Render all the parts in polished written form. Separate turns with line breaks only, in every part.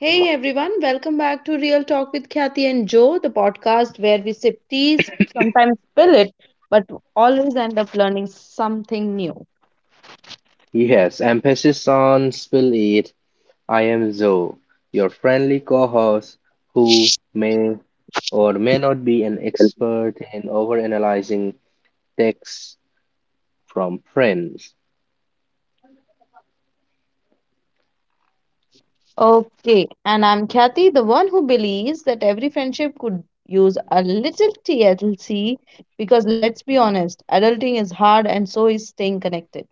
Hey everyone, welcome back to Real Talk with Kathy and Joe, the podcast where we sip tea, sometimes spill it, but always end up learning something new.
Yes, emphasis on spill it. I am Zoe, your friendly co-host who may or may not be an expert in overanalyzing texts from friends.
Okay, and I'm Kathy, the one who believes that every friendship could use a little TLC because let's be honest, adulting is hard and so is staying connected.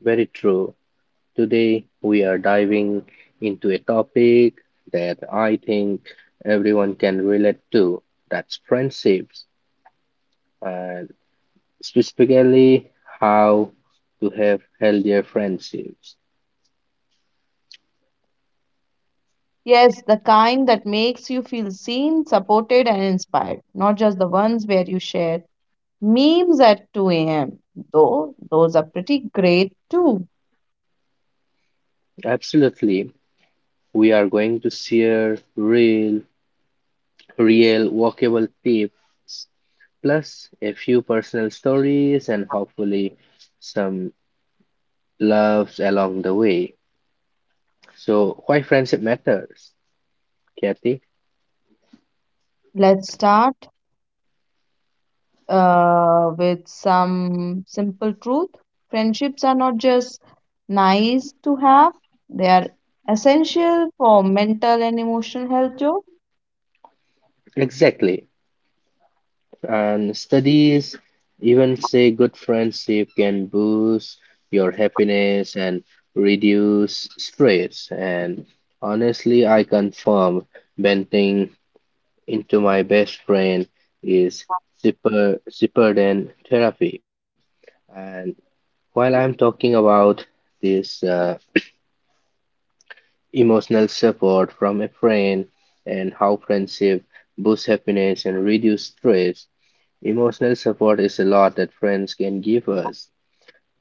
Very true. Today we are diving into a topic that I think everyone can relate to. That's friendships, and specifically how to have healthier friendships.
Yes, the kind that makes you feel seen, supported, and inspired, not just the ones where you share memes at 2 a.m. Though those are pretty great too.
Absolutely. We are going to share real, workable tips, plus a few personal stories and hopefully some loves along the way. So, why friendship matters, Kathy?
Let's start with some simple truth. Friendships are not just nice to have, they are essential for mental and emotional health, Joe.
Exactly. And studies even say good friendship can boost your happiness and reduce stress. And honestly, I confirm venting into my best friend is cheaper than therapy. And while I'm talking about this emotional support from a friend and how friendship boosts happiness and reduce stress, emotional support is a lot that friends can give us.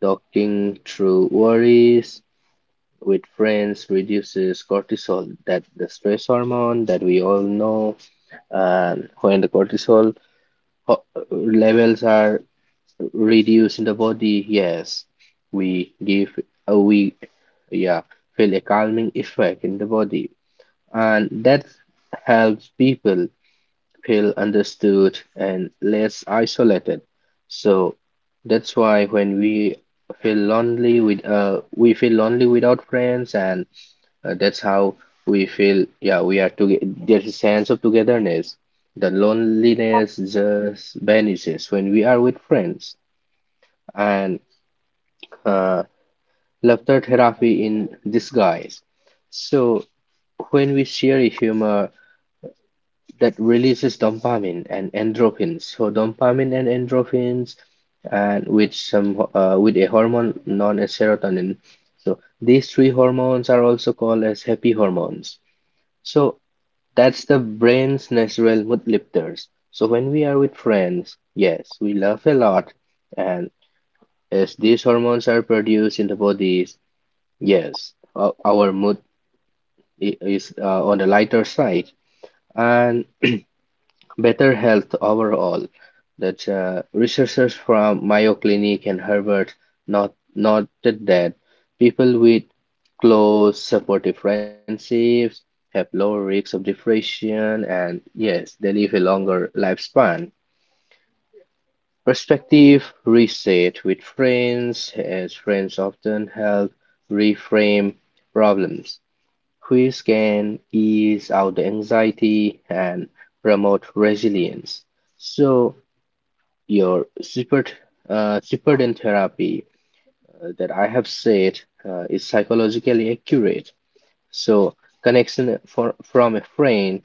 Talking through worries with friends reduces cortisol, that the stress hormone that we all know. And when the cortisol ho- levels are reduce in the body. Yes, we give we yeah feel a calming effect in the body, and that helps people feel understood and less isolated. So that's why when we feel lonely with we feel lonely without friends, and that's how we feel. Yeah, we are together. There's a sense of togetherness. The loneliness just vanishes when we are with friends and uh, laughter therapy in disguise. So, when we share a humor that releases dopamine and endorphins, so dopamine and endorphins, and with a hormone known as serotonin. So these three hormones are also called as happy hormones. So that's the brain's natural mood lifters. So when we are with friends, yes, we laugh a lot, and as these hormones are produced in the body, yes, our mood is on the lighter side and better health overall. That researchers from Mayo Clinic and Harvard not, noted that people with close supportive friendships have lower risks of depression and yes, they live a longer lifespan. Perspective reset with friends, as friends often help reframe problems. Quiz can ease out the anxiety and promote resilience. So, your support, Zipperton therapy that I have said is psychologically accurate. So, connection from a friend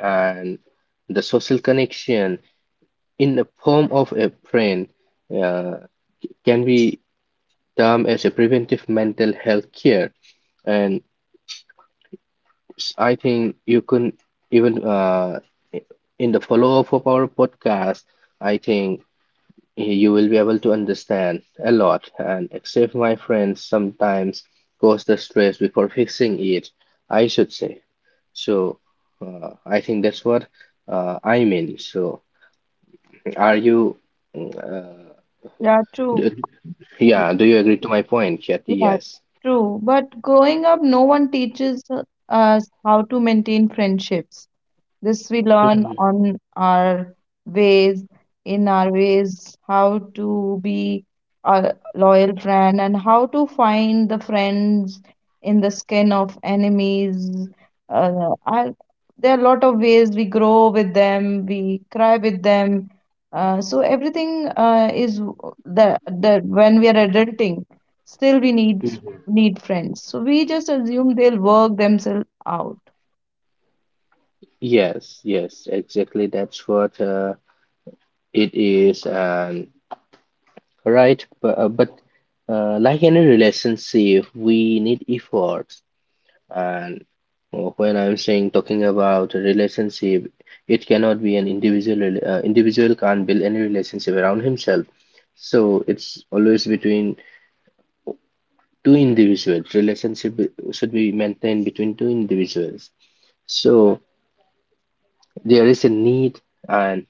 and the social connection in the form of a friend uh, can be termed as a preventive mental health care. And I think you can even i- in the follow-up of our podcast, I think you will be able to understand a lot. And except my friends sometimes cause the stress before fixing it, I should say. So I think that's what I mean. So are you? mm, Uh,
Yeah, true.
d-
Y-
yeah. Do you agree to my point, Kathy?
Yeah,
Yes.
true. But growing up, no one teaches us how to maintain friendships. This we learn
Mhm,
on our ways, in our ways, how to be a loyal friend and how to find the friends in the skin of enemies. Uh, I, there are a lot of ways we grow with them, we cry with them. So everything is that when we are adulting, still we need
mhm.
need friends. So we just assume they'll work themselves out.
Yes, yes, exactly. That's what it is. And right? But, like any relationship, we need efforts. And when I'm saying talking about a relationship, it cannot be an individual. Individual can't build any relationship around himself. So it's always between two individuals. Relationship should be maintained between two individuals. So there is a need and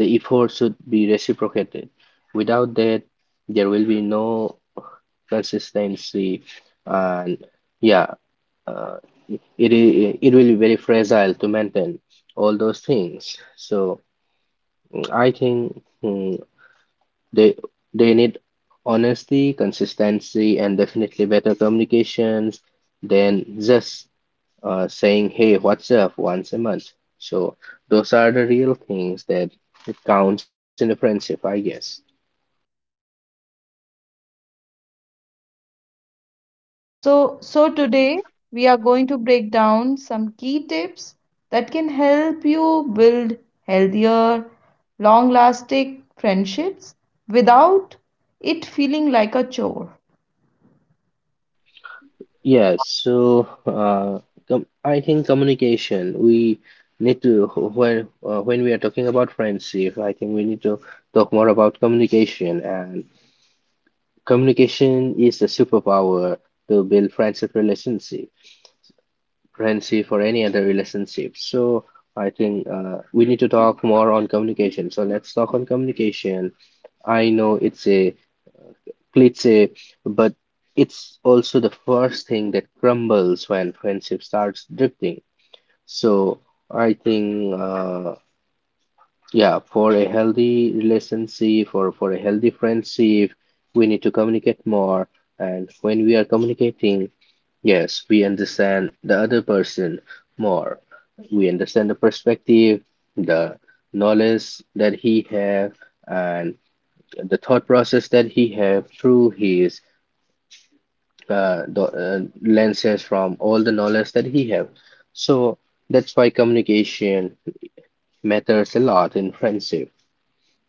the effort should be reciprocated. Without that, there will be no consistency, and yeah, uh, it will be very fragile to maintain all those things. So I think they they need honesty, consistency, and definitely better communications than just saying, "Hey, what's up?" once a month. So those are the real things that counts in a friendship, I guess.
So today we are going to break down some key tips that can help you build healthier, long-lasting friendships without it feeling like a chore.
Yeah, so com I think communication, we need to, when we are talking about friendship, I think we need to talk more about communication. And communication is a superpower to build friendship relationship, friendship or any other relationship. So I think we need to talk more on communication. So let's talk on communication. I know it's a cliche, but it's also the first thing that crumbles when friendship starts drifting. So I think, yeah, for a healthy relationship or for a healthy friendship, we need to communicate more. And when we are communicating, yes, we understand the other person more. We understand the perspective, the knowledge that he have, and the thought process that he have through his the lenses from all the knowledge that he have. So that's why communication matters a lot in friendship.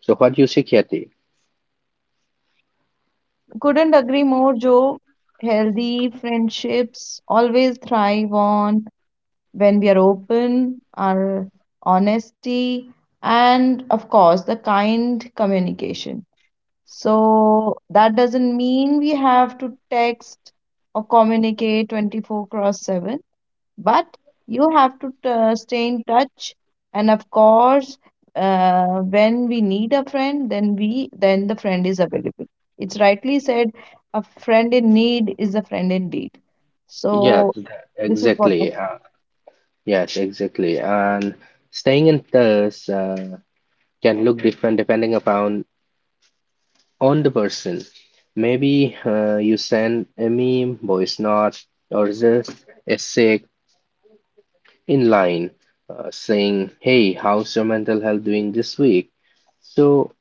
So what do you say, Kathy?
Couldn't agree more, Joe. Healthy friendships always thrive on when we are open, our honesty, and of course, the kind communication. So that doesn't mean we have to text or communicate 24 cross 7, but you have to stay in touch. And of course, when we need a friend, then we then the friend is available. It's rightly said, a friend in need is a friend indeed.
Yes,
So this is
exactly. Yes, exactly. And staying in touch can look different depending upon on the person. Maybe you send a meme, voice note, or just a sick in line saying, "Hey, how's your mental health doing this week?" So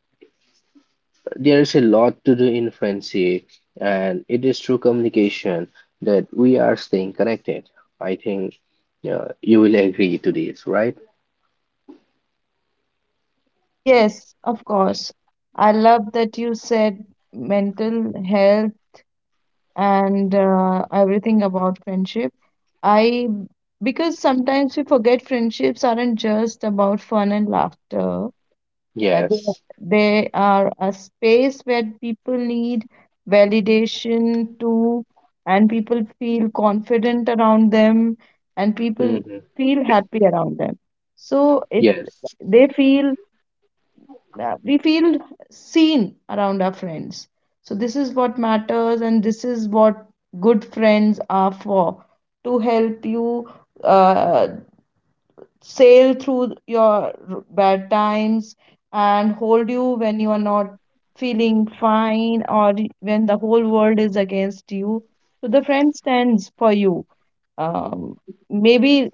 there is a lot to do in friendship, and it is through communication that we are staying connected. I think you will agree to this, right?
yes, of course. I love that you said mental health and everything about friendship. I, because sometimes we forget friendships aren't just about fun and laughter. Uh, They
Yes.
they are a space where people need validation too, and people feel confident around them, and people
Hmm.
feel happy around them. So it
Yes.
they feel we feel seen around our friends. So this is what matters, and this is what good friends are for, to help you uh, sail through your bad times and hold you when you are not feeling fine or when the whole world is against you, so the friend stands for you. um, Maybe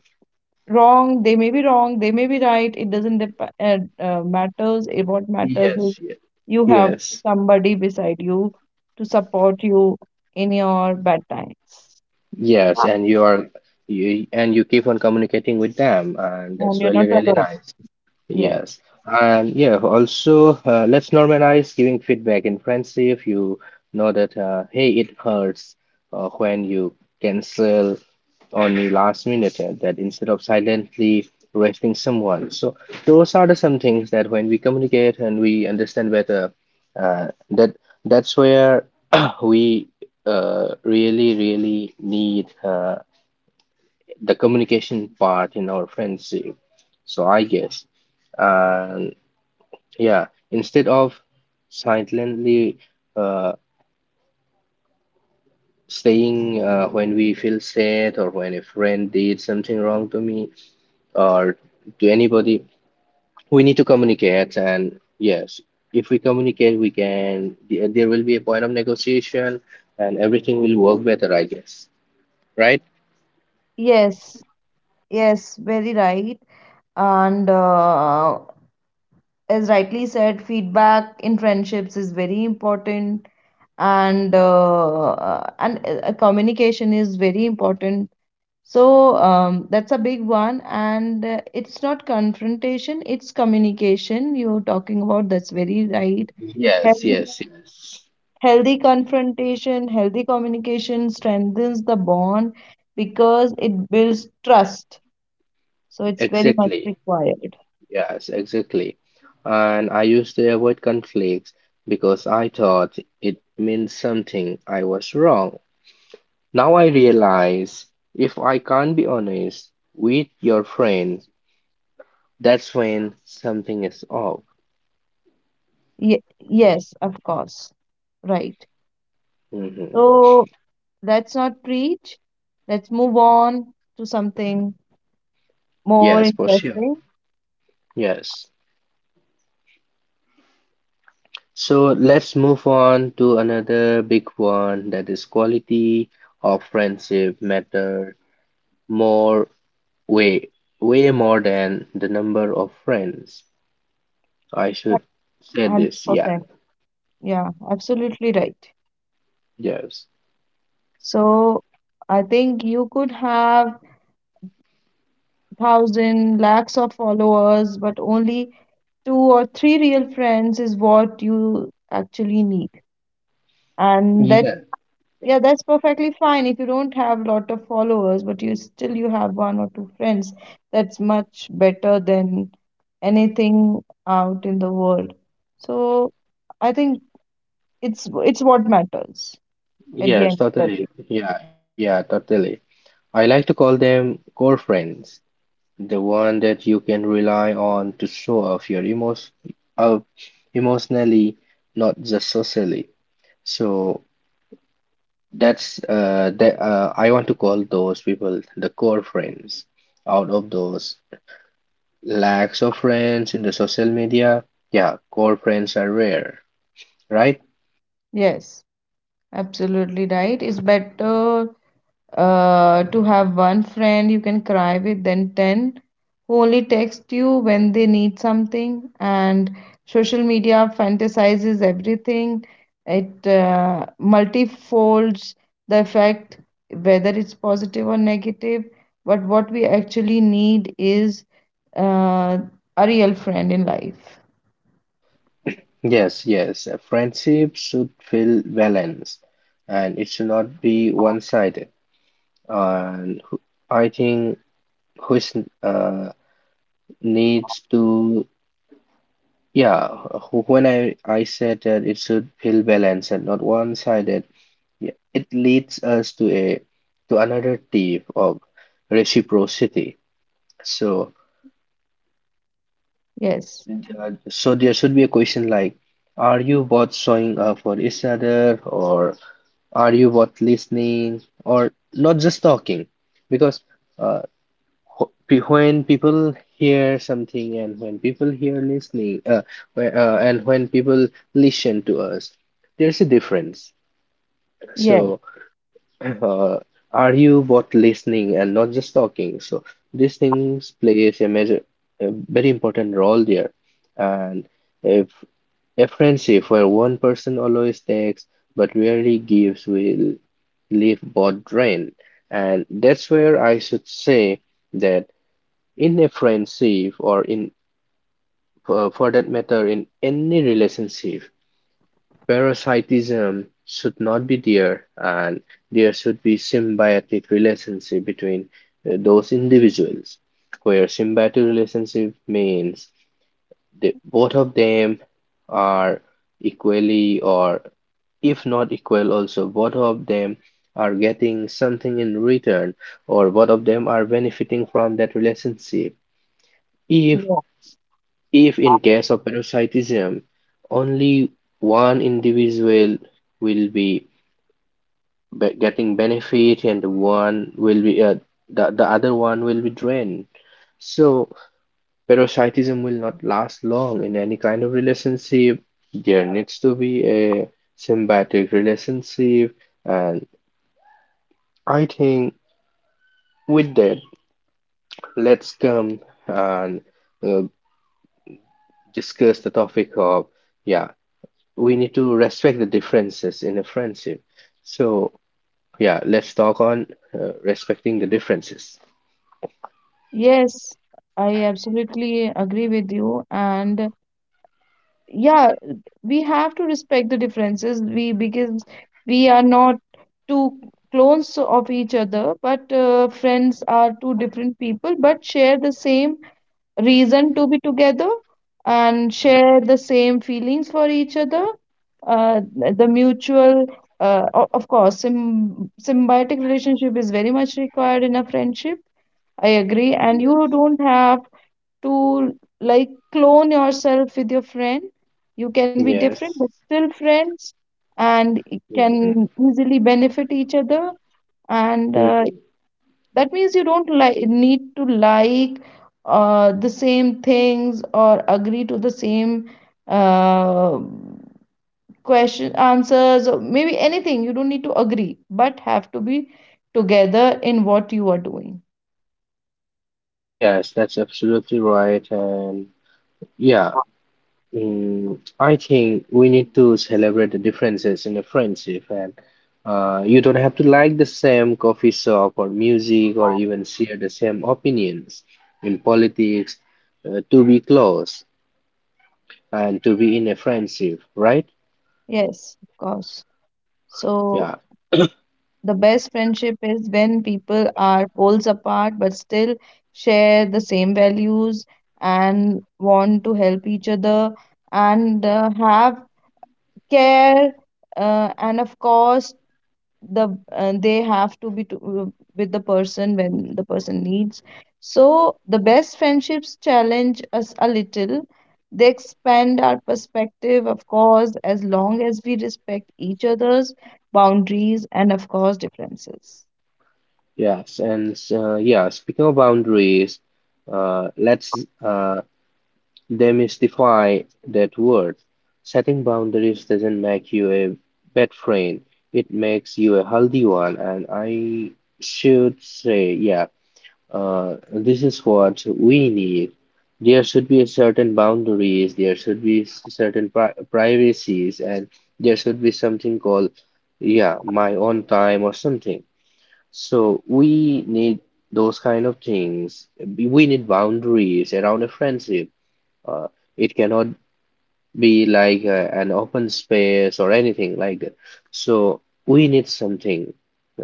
wrong, they may be wrong, they may be right. It doesn't matters it, what matters is
Yes. Yes.
you have
Yes,
somebody beside you to support you in your bad times,
yes. And you keep on communicating with them, and
and
that's
you're
really
not
really
alone.
nice.
Yes,
Yes. And yeah, also, let's normalize giving feedback in friendship. You know that, hey, it hurts when you cancel on the last minute, that instead of silently roasting someone. So, those are the some things that when we communicate and we understand better, that that's where we really, really need the communication part in our friendship. So, I guess. And yeah, instead of silently uh, saying when we feel sad or when a friend did something wrong to me or to anybody, we need to communicate. And yes, if we communicate, there will be a point of negotiation and everything will work better, I guess. Right?
yes. Yes, very right. And as rightly said, feedback in friendships is very important, and communication is very important. So that's a big one, and it's not confrontation, it's communication you're talking about. That's very right.
Yes,
healthy
yes, yes.
Healthy confrontation, healthy communication strengthens the bond because it builds trust. So it's very much
Exactly.
required.
Yes, exactly. And I used to avoid conflicts because I thought it meant something I was wrong. Now I realize if I can't be honest with your friend, that's when something is off.
Yes, of course. Right.
Mhm.
So let's not preach. Let's move on to something more
Yes, for sure.
interesting.
Yes. So let's move on to another big one that is quality of friendship matter more way way more than the number of friends. I should say this. Yeah,
100%. Yeah, absolutely right.
yes.
So I think you could have thousand lakhs of followers, but only two or three real friends is what you actually need, and that's,
Yeah,
yeah, that's perfectly fine. If you don't have a lot of followers but you still you have one or two friends, that's much better than anything out in the world. So I think it's what matters at the
yes,
end of the
totally.
day.
Yeah, yeah, totally. I like to call them core friends, the one that you can rely on to show off your emotion, uh, emotionally, not just socially. So that's that I want to call those people the core friends. Out of those lacks of friends in the social media, yeah, core friends are rare, right?
Yes, absolutely right. It's better to have one friend you can cry with, then 10 who only text you when they need something. And social media fantasizes everything, it multifolds the effect, whether it's positive or negative. But what we actually need is uh, a real friend in life.
Yes, yes. A friendship should feel balanced and it should not be one-sided. And I think which uh, needs to, yeah, wh- when I said that it should feel balanced and not one-sided, yeah, it leads us to another tip of reciprocity. So,
Yes,
there should be a question like, are you both showing up for each other or are you both listening or not just talking? Because uh, when people hear something and when people hear listening, and when people listen to us, there's a difference.
yes,
So, uh, are you both listening and not just talking? So, these things plays a major, a very important role there. And if a friendship where one person always takes but rarely gives will leave both drained. And that's where I should say that in a friendship or in for that matter in any relationship, parasitism should not be there and there should be symbiotic relationship between those individuals where symbiotic relationship means the both of them are equally or if not equal also both of them are getting something in return or both of them are benefiting from that relationship. If
yeah.
in case of parasitism only one individual will getting benefit and one will be the other one will be drained. So parasitism will not last long in any kind of relationship. There needs to be a symbiotic relationship, and I think with that, let's come and uh, discuss the topic of, yeah, we need to respect the differences in a friendship. So, yeah, let's talk on respecting the differences.
Yes. I absolutely agree with you. And yeah, we have to respect the differences, we because we are not two clones of each other, but friends are two different people but share the same reason to be together and share the same feelings for each other. uh, the mutual, of course, symbiotic relationship is very much required in a friendship. I agree, and you don't have to like clone yourself with your friend. You can be different but
Yes.
still friends, and it can
Mhm.
easily benefit each other. And
Mhm.
that means you don't like need to like the same things or agree to the same uh, question answers or maybe anything. You don't need to agree, but have to be together in what you are doing.
Yes, that's absolutely right. And yeah, I think we need to celebrate the differences in a friendship, and you don't have to like the same coffee shop or music or even share the same opinions in politics to be close and to be in a friendship, right?
Yes, of course. So
Yeah,
the best friendship is when people are poles apart but still share the same values and want to help each other and have care, and of course they have to be uh, with the person when the person needs. So the best friendships challenge us a little. They expand our perspective, of course, as long as we respect each other's boundaries and of course differences.
yes, and yeah, speaking of boundaries, let's uh, demystify that word. Setting boundaries doesn't make you a bad friend, it makes you a healthy one. And I should say, yeah, this is what we need. There should be a certain boundaries, there should be certain privacies, and there should be something called, yeah, my own time or something. So we need those kind of things. We need boundaries around a friendship. uh, it cannot be like an open space or anything like that. So we need something uh,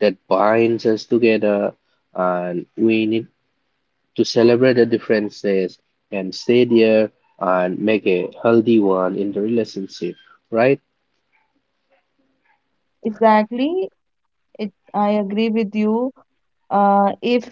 that binds us together, and we need to celebrate the differences and stay there and make a healthy one in the relationship, right?
Exactly. I agree with you. If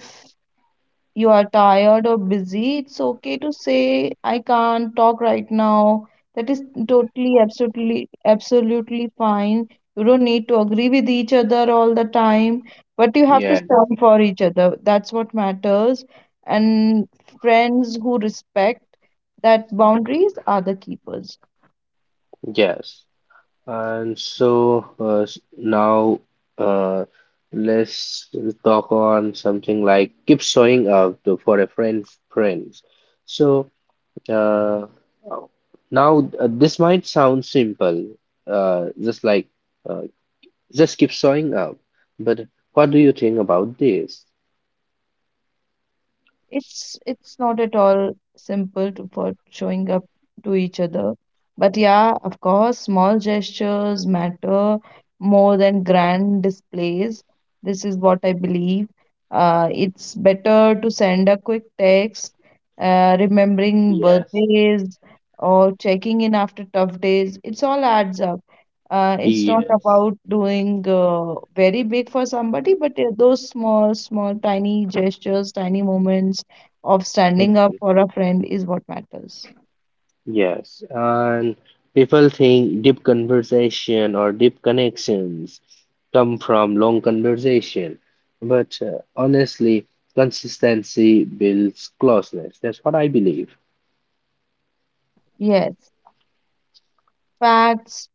you are tired or busy, it's okay to say, I can't talk right now. That is totally, absolutely, absolutely fine. You don't need to agree with each other all the time, but you have to
Yeah,
stand for each other. That's what matters. And friends who respect that boundaries are the keepers.
yes. And so now uh, let's talk on something like keep showing up for a friend's friends. So Uh, now, this might sound simple, just like uh, just keep showing up. But what do you think about this?
It's not at all simple to for showing up to each other. But yeah, of course, small gestures matter more than grand displays. This is what I believe. It's better to send a quick text, remembering
Yeah.
birthdays or checking in after tough days. It's all adds up. It's not
Yeah.
about doing very big for somebody, but those small, small, tiny gestures, tiny moments of standing up
Mhm.
for a friend is what matters.
Yes. And people think deep conversation or deep connections come from long conversation. But honestly, consistency builds closeness. That's what I believe.
Yes, facts.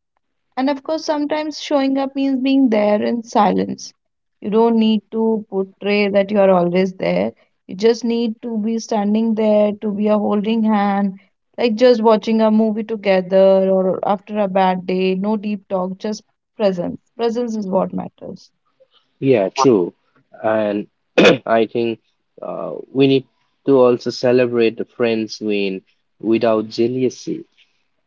And of course, sometimes showing up means being there in silence. You don't need to portray that you are always there. You just need to be standing there, to be a holding hand, like just watching a movie together or after a bad day. No deep talk, just presence. Presence is what matters.
Yeah, true. And I think we need to also celebrate the friends win without jealousy.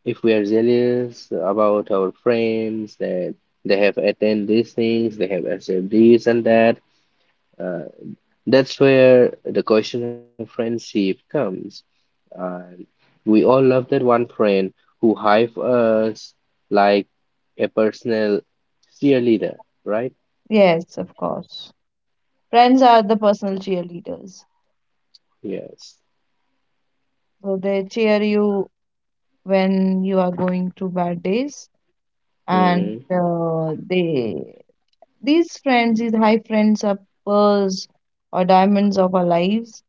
If we are jealous about our friends that they have attained these things, they have achieved this and that, uh, that's where the question of friendship comes. And we all love that one friend who hype us like a personal cheerleader, right?
Yes, of course. Friends are the personal cheerleaders.
Yes.
So they cheer you when you are going through bad days, and
Mm-hmm.
they these friends, these high friends, are pearls or diamonds of our lives.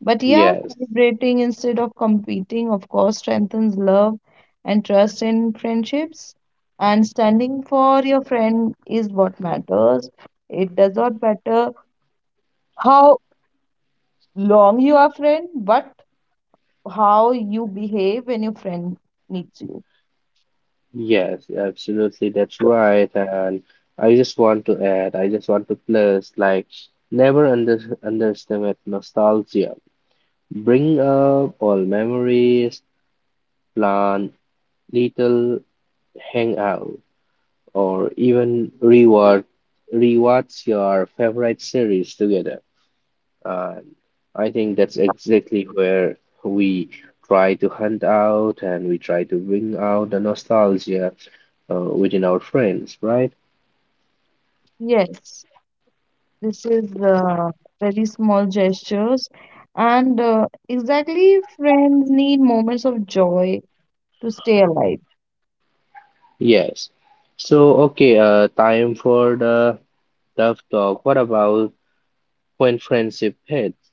But yeah,
Yes.
celebrating instead of competing of course strengthens love and trust in friendships, and standing for your friend is what matters. It does not matter how long you are friend, but how you behave when your friend needs you.
Yes, absolutely. That's right. And I just want to add, I just want to plus, like, never underestimate nostalgia. Bring up all memories, plan little hangout, or even reward rewatch your favorite series together. And I think that's exactly where we try to hunt out and we try to bring out the nostalgia within our friends, right?
Yes. This is very small gestures, and exactly, friends need moments of joy to stay alive.
Yes. So, okay, time for the tough talk. What about when friendship hits?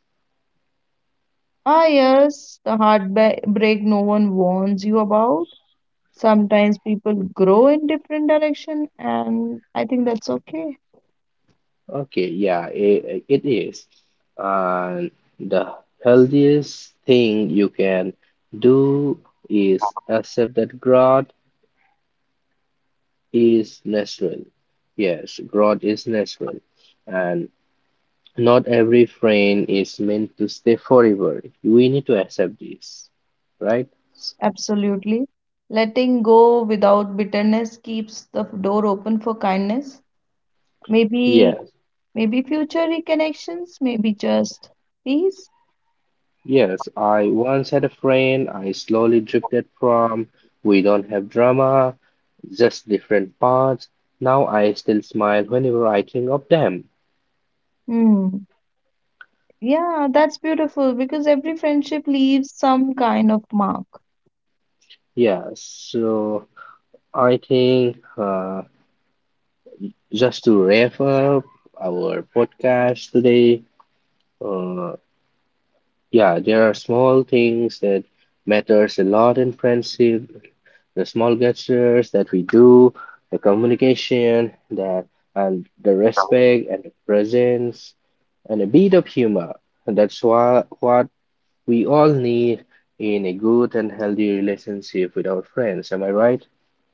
Ah, yes, the heartbreak no one warns you about. Sometimes people grow in different direction, and I think that's okay.
Okay, yeah, it is. And the healthiest thing you can do is accept that growth is natural. Yes, growth is natural. And not every friend is meant to stay forever. We need to accept this, right?
Absolutely. Letting go without bitterness keeps the door open for kindness. Maybe,
Yeah.
maybe future reconnections, maybe just peace.
Yes, I once had a friend I slowly drifted from. We don't have drama, just different paths. Now I still smile whenever I think of them.
Hmm. Yeah, that's beautiful because every friendship leaves some kind of mark.
Yeah, so I think just to wrap up our podcast today, uh, yeah, there are small things that matters a lot in friendship. The small gestures that we do, the communication, that and the respect and the presence and a bit of humor. And that's what we all need in a good and healthy relationship with our friends. Am I right?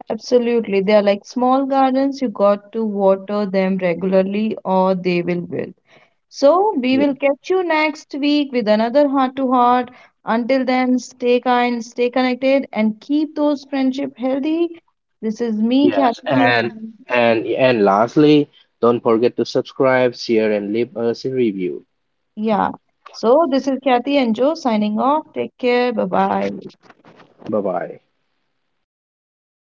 Absolutely. They are like small gardens, you got to water them regularly or they will wilt. So, we will
Mm.
catch you next week with another heart to heart. Until then, stay kind, stay connected, and keep those friendship healthy. This is me,
Yes.
Kathy,
And and and lastly, don't forget to subscribe, share, and leave us a review.
yeah. So, this is Kathy and Joe signing off. Take care. Bye bye.
Bye bye.